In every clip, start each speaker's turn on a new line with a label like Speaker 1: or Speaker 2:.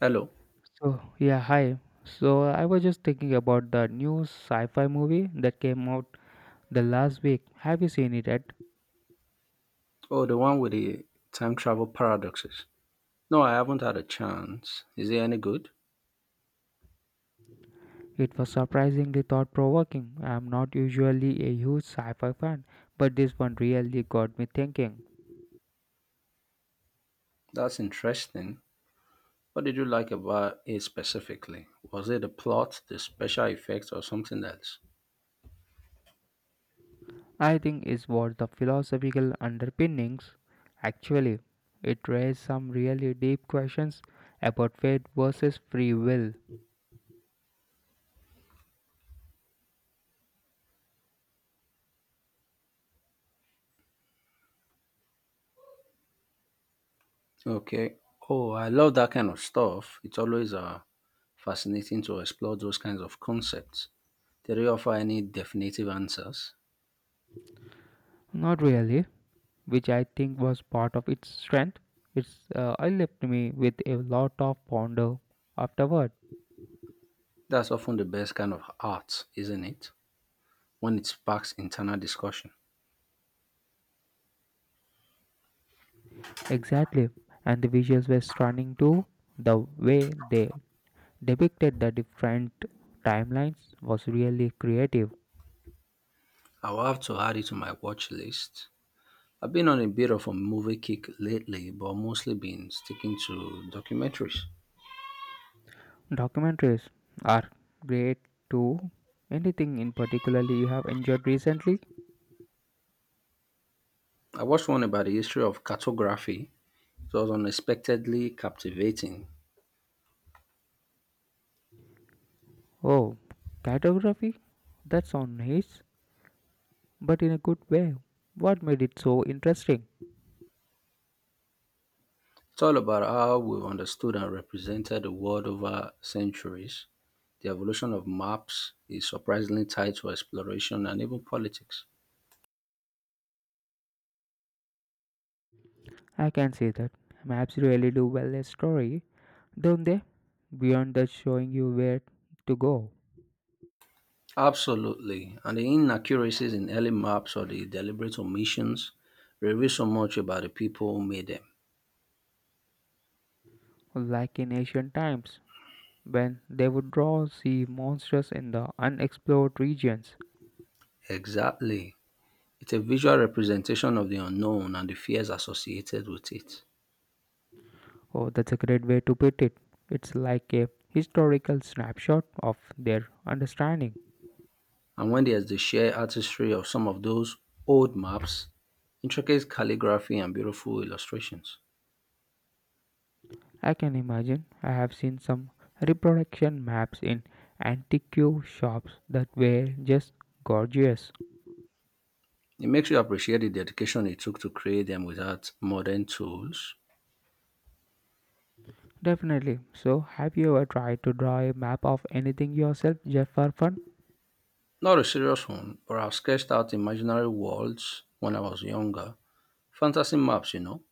Speaker 1: Hello.
Speaker 2: So, yeah, hi. So, I was just thinking about the new sci fi movie that came out the last week. Have you seen it yet?
Speaker 1: Oh, the one with the time travel paradoxes. No, I haven't had a chance. Is it any good?
Speaker 2: It was surprisingly thought provoking. I'm not usually a huge sci fi fan, but this one really got me thinking.
Speaker 1: That's interesting. What did you like about it specifically? Was it the plot, the special effects, or something else?
Speaker 2: I think it's worth the philosophical underpinnings. Actually, it raised some really deep questions about fate versus free will.
Speaker 1: Okay. Oh, I love that kind of stuff. It's always fascinating to explore those kinds of concepts. Did they offer any definitive answers?
Speaker 2: Not really, which I think was part of its strength. It's I left me with a lot of ponder afterward.
Speaker 1: That's often the best kind of art, isn't it? When it sparks internal discussion.
Speaker 2: Exactly, and the visuals were stunning too. The way they depicted the different timelines was really creative.
Speaker 1: I will have to add it to my watch list. I've been on a bit of a movie kick lately, but mostly been sticking to documentaries.
Speaker 2: Documentaries are great too. Anything in particularly you have enjoyed recently?
Speaker 1: I watched one about the history of cartography. It was unexpectedly captivating.
Speaker 2: Oh, cartography? That's on his, but in a good way. What made it so interesting?
Speaker 1: It's all about how we understood and represented the world over centuries. The evolution of maps is surprisingly tied to exploration and even politics.
Speaker 2: I can see that. Maps really do well a story, don't they? Beyond that showing you where to go.
Speaker 1: Absolutely. And the inaccuracies in early maps or the deliberate omissions reveal so much about the people who made them.
Speaker 2: Like in ancient times, when they would draw sea monsters in the unexplored regions.
Speaker 1: Exactly. It's a visual representation of the unknown and the fears associated with it.
Speaker 2: Oh, that's a great way to put it. It's like a historical snapshot of their understanding.
Speaker 1: And when there's the sheer artistry of some of those old maps, intricate calligraphy, and beautiful illustrations,
Speaker 2: I can imagine I have seen some reproduction maps in antique shops that were just gorgeous.
Speaker 1: it makes you appreciate the dedication it took to create them without modern tools.
Speaker 2: Definitely. So, have you ever tried to draw a map of anything yourself just for fun?
Speaker 1: Not a serious one, but I've sketched out imaginary worlds when I was younger. Fantasy maps, you know.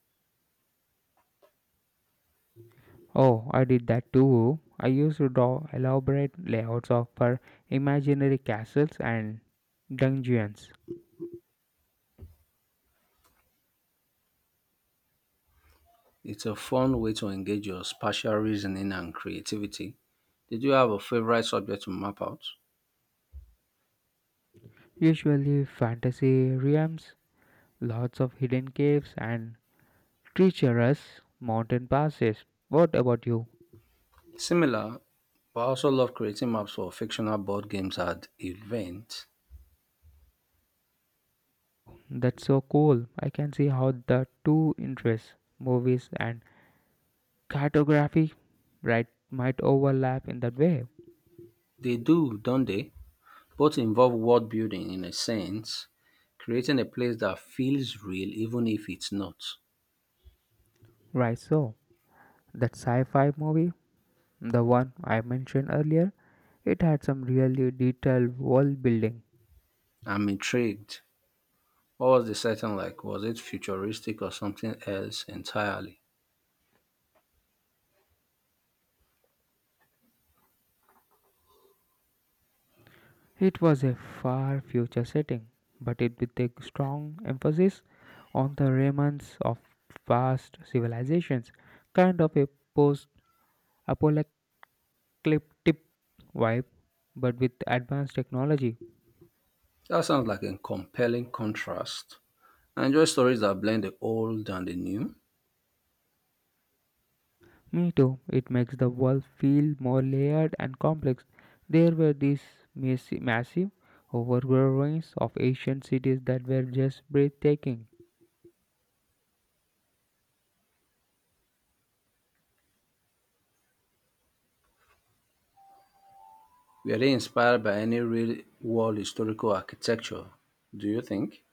Speaker 2: Oh, I did that too. I used to draw elaborate layouts of her imaginary castles and dungeons,
Speaker 1: It's a fun way to engage your spatial reasoning and creativity. Did you have a favorite subject to map out?
Speaker 2: usually fantasy realms, lots of hidden caves, and treacherous mountain passes. What about you?
Speaker 1: Similar, but I also love creating maps for fictional board games at events.
Speaker 2: That's so cool. I can see how the two interests, movies and cartography, right, might overlap in that way.
Speaker 1: They do, don't they? Both involve world building in a sense, creating a place that feels real even if it's not.
Speaker 2: Right, so. That sci fi movie, the one I mentioned earlier, it had some really detailed world building.
Speaker 1: I'm intrigued. What was the setting like? Was it futuristic or something else entirely?
Speaker 2: It was a far future setting, but it with a strong emphasis on the remnants of past civilizations, kind of a post apocalyptic vibe, but with advanced technology.
Speaker 1: That sounds like a compelling contrast. I enjoy stories that blend the old and the new.
Speaker 2: Me too. It makes the world feel more layered and complex. There were these massive, overgrown ruins of ancient cities that were just breathtaking.
Speaker 1: Were they inspired by any real world historical architecture, do you think?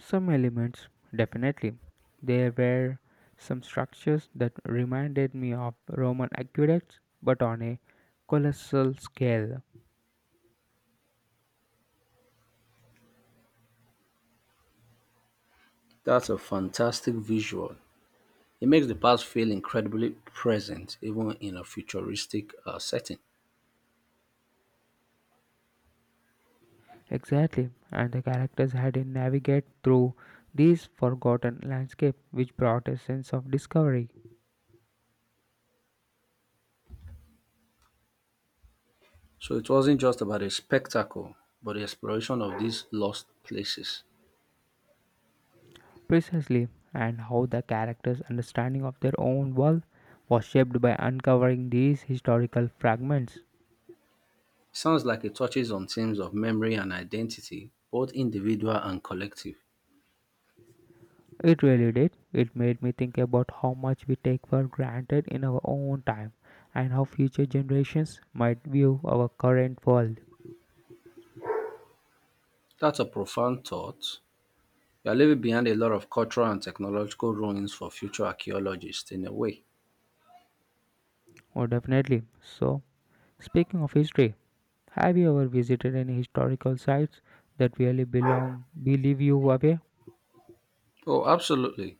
Speaker 2: Some elements, definitely. There were some structures that reminded me of Roman aqueducts, but on a colossal scale.
Speaker 1: That's a fantastic visual. It makes the past feel incredibly present, even in a futuristic setting.
Speaker 2: Exactly, and the characters had to navigate through these forgotten landscape, which brought a sense of discovery.
Speaker 1: So it wasn't just about a spectacle, but the exploration of these lost places.
Speaker 2: Precisely, and how the characters' understanding of their own world was shaped by uncovering these historical fragments.
Speaker 1: Sounds like it touches on themes of memory and identity, both individual and collective.
Speaker 2: It really did. It made me think about how much we take for granted in our own time and how future generations might view our current world.
Speaker 1: That's a profound thought. We are leaving behind a lot of cultural and technological ruins for future archaeologists, in a way.
Speaker 2: Oh, definitely. So, speaking of history, have you ever visited any historical sites that really belong, believe you away?
Speaker 1: Oh, absolutely.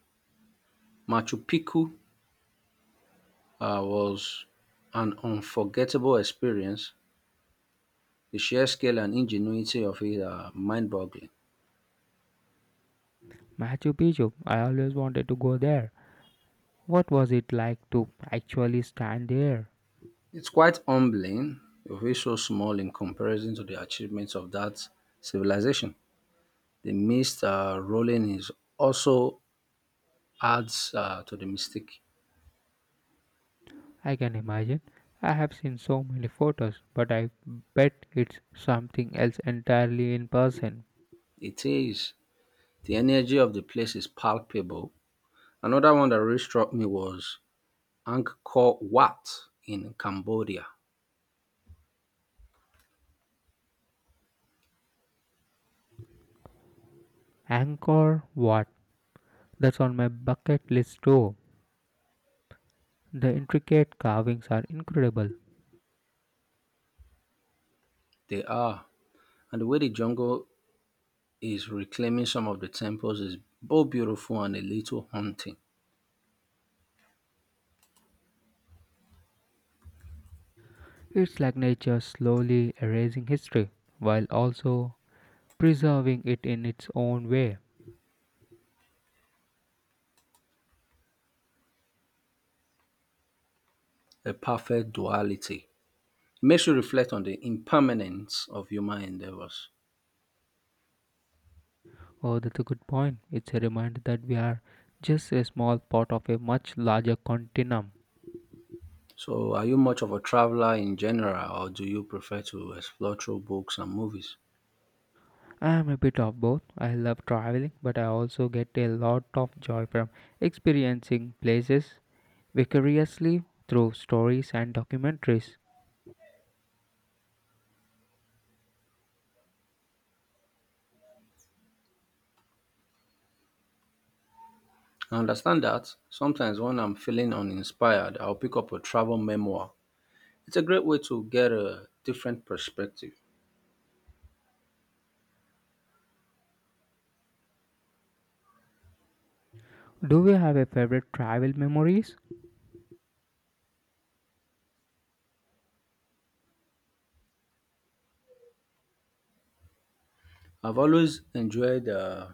Speaker 1: Machu Picchu was an unforgettable experience. The sheer scale and ingenuity of it are mind boggling.
Speaker 2: Machu Picchu, I always wanted to go there. What was it like to actually stand there?
Speaker 1: It's quite humbling to feel so small in comparison to the achievements of that civilization. The mist rolling is also adds to the mystique.
Speaker 2: I can imagine. I have seen so many photos, but I bet it's something else entirely in person.
Speaker 1: It is. The energy of the place is palpable. Another one that really struck me was Angkor Wat in Cambodia.
Speaker 2: Angkor Wat. That's on my bucket list too. The intricate carvings are incredible.
Speaker 1: They are. And the way the jungle is reclaiming some of the temples is both beautiful and a little haunting.
Speaker 2: It's like nature slowly erasing history while also preserving it in its own way.
Speaker 1: A perfect duality. It makes you reflect on the impermanence of human endeavors.
Speaker 2: Oh, that's a good point. It's a reminder that we are just a small part of a much larger continuum.
Speaker 1: So, are you much of a traveler in general, or do you prefer to explore through books and movies?
Speaker 2: I'm a bit of both. I love traveling, but I also get a lot of joy from experiencing places vicariously through stories and documentaries.
Speaker 1: I understand that sometimes when I'm feeling uninspired, I'll pick up a travel memoir. It's a great way to get a different perspective.
Speaker 2: Do you have a favorite travel memories?
Speaker 1: I've always enjoyed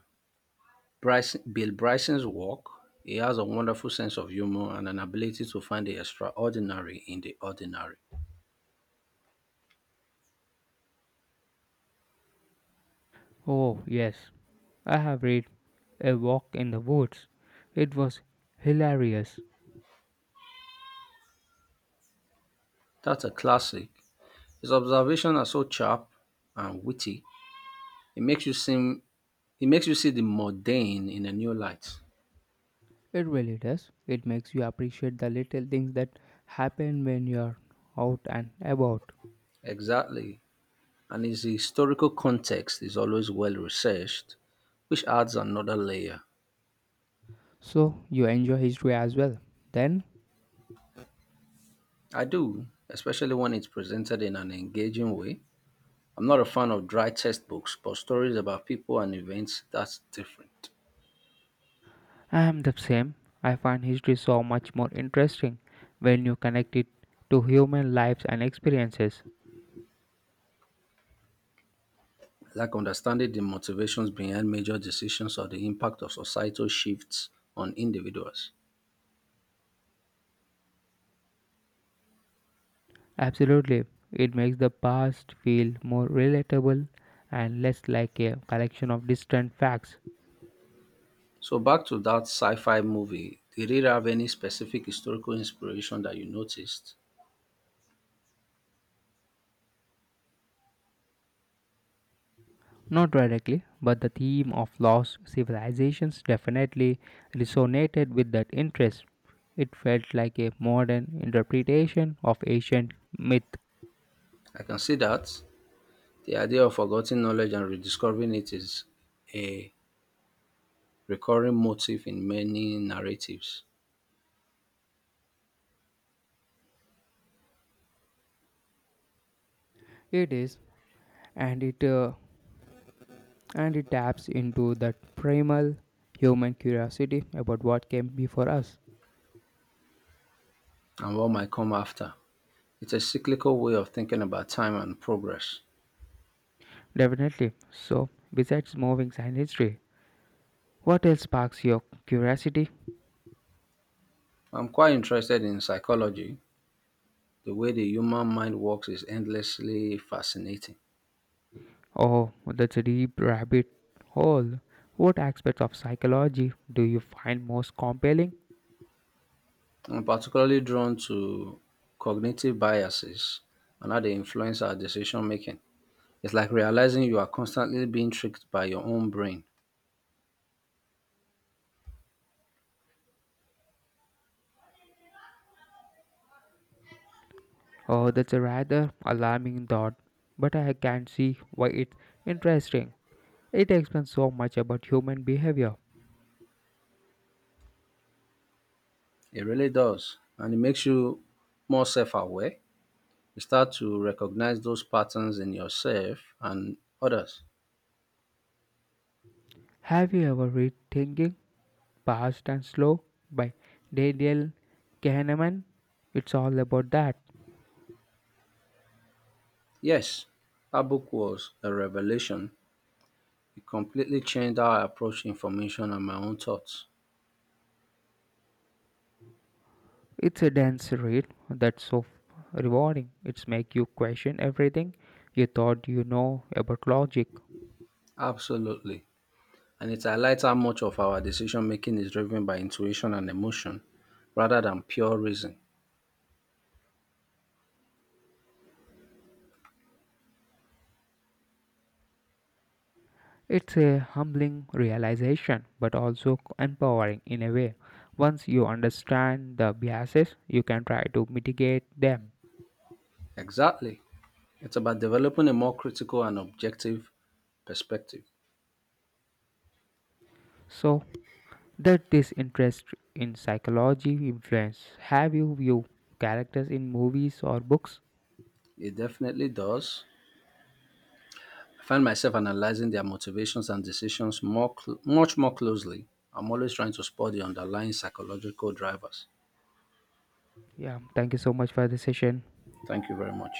Speaker 1: Bill Bryson's work. He has a wonderful sense of humor and an ability to find the extraordinary in the ordinary.
Speaker 2: Oh, yes. I have read A Walk in the Woods. It was hilarious.
Speaker 1: That's a classic. His observations are so sharp and witty. It makes you seem it makes you see the mundane in a new light.
Speaker 2: It really does. It makes you appreciate the little things that happen when you're out and about.
Speaker 1: Exactly. And his historical context is always well researched, which adds another layer.
Speaker 2: So you enjoy history as well, then.
Speaker 1: I do, especially when it's presented in an engaging way. I'm not a fan of dry textbooks, but stories about people and events, that's different.
Speaker 2: I am the same. I find history so much more interesting when you connect it to human lives and experiences.
Speaker 1: I like understanding the motivations behind major decisions or the impact of societal shifts on individuals.
Speaker 2: Absolutely. It makes the past feel more relatable and less like a collection of distant facts.
Speaker 1: So back to that sci-fi movie, did it have any specific historical inspiration that you noticed?
Speaker 2: Not directly, but the theme of lost civilizations definitely resonated with that interest. It felt like a modern interpretation of ancient myth.
Speaker 1: I can see that the idea of forgotten knowledge and rediscovering it is a recurring motif in many narratives
Speaker 2: It is, and it uh, and it taps into that primal human curiosity about what came before us.
Speaker 1: and what might come after. It's a cyclical way of thinking about time and progress.
Speaker 2: Definitely. So, besides moving science history, what else sparks your curiosity?
Speaker 1: I'm quite interested in psychology. The way the human mind works is endlessly fascinating.
Speaker 2: Oh, that's a deep rabbit hole. What aspects of psychology do you find most compelling?
Speaker 1: I'm particularly drawn to cognitive biases and how they influence our decision making. It's like realizing you are constantly being tricked by your own brain.
Speaker 2: Oh, that's a rather alarming thought, but I can see why it's interesting. It explains so much about human behavior.
Speaker 1: It really does. And it makes you more self aware. You start to recognize those patterns in yourself and others.
Speaker 2: Have you ever read Thinking, Fast and Slow by Daniel Kahneman? It's all about that.
Speaker 1: Yes, that book was a revelation. It completely changed how I approach information and my own thoughts.
Speaker 2: It's a dense read that's so rewarding. It's make you question everything you thought you know about logic.
Speaker 1: Absolutely. And it highlights how much of our decision making is driven by intuition and emotion rather than pure reason.
Speaker 2: It's a humbling realization, but also empowering in a way. Once you understand the biases, you can try to mitigate them.
Speaker 1: Exactly. It's about developing a more critical and objective perspective.
Speaker 2: So, that this interest in psychology influence have you view characters in movies or books?
Speaker 1: It definitely does. I find myself analyzing their motivations and decisions much more closely. I'm always trying to spot the underlying psychological drivers.
Speaker 2: Yeah, thank you so much for the session.
Speaker 1: Thank you very much.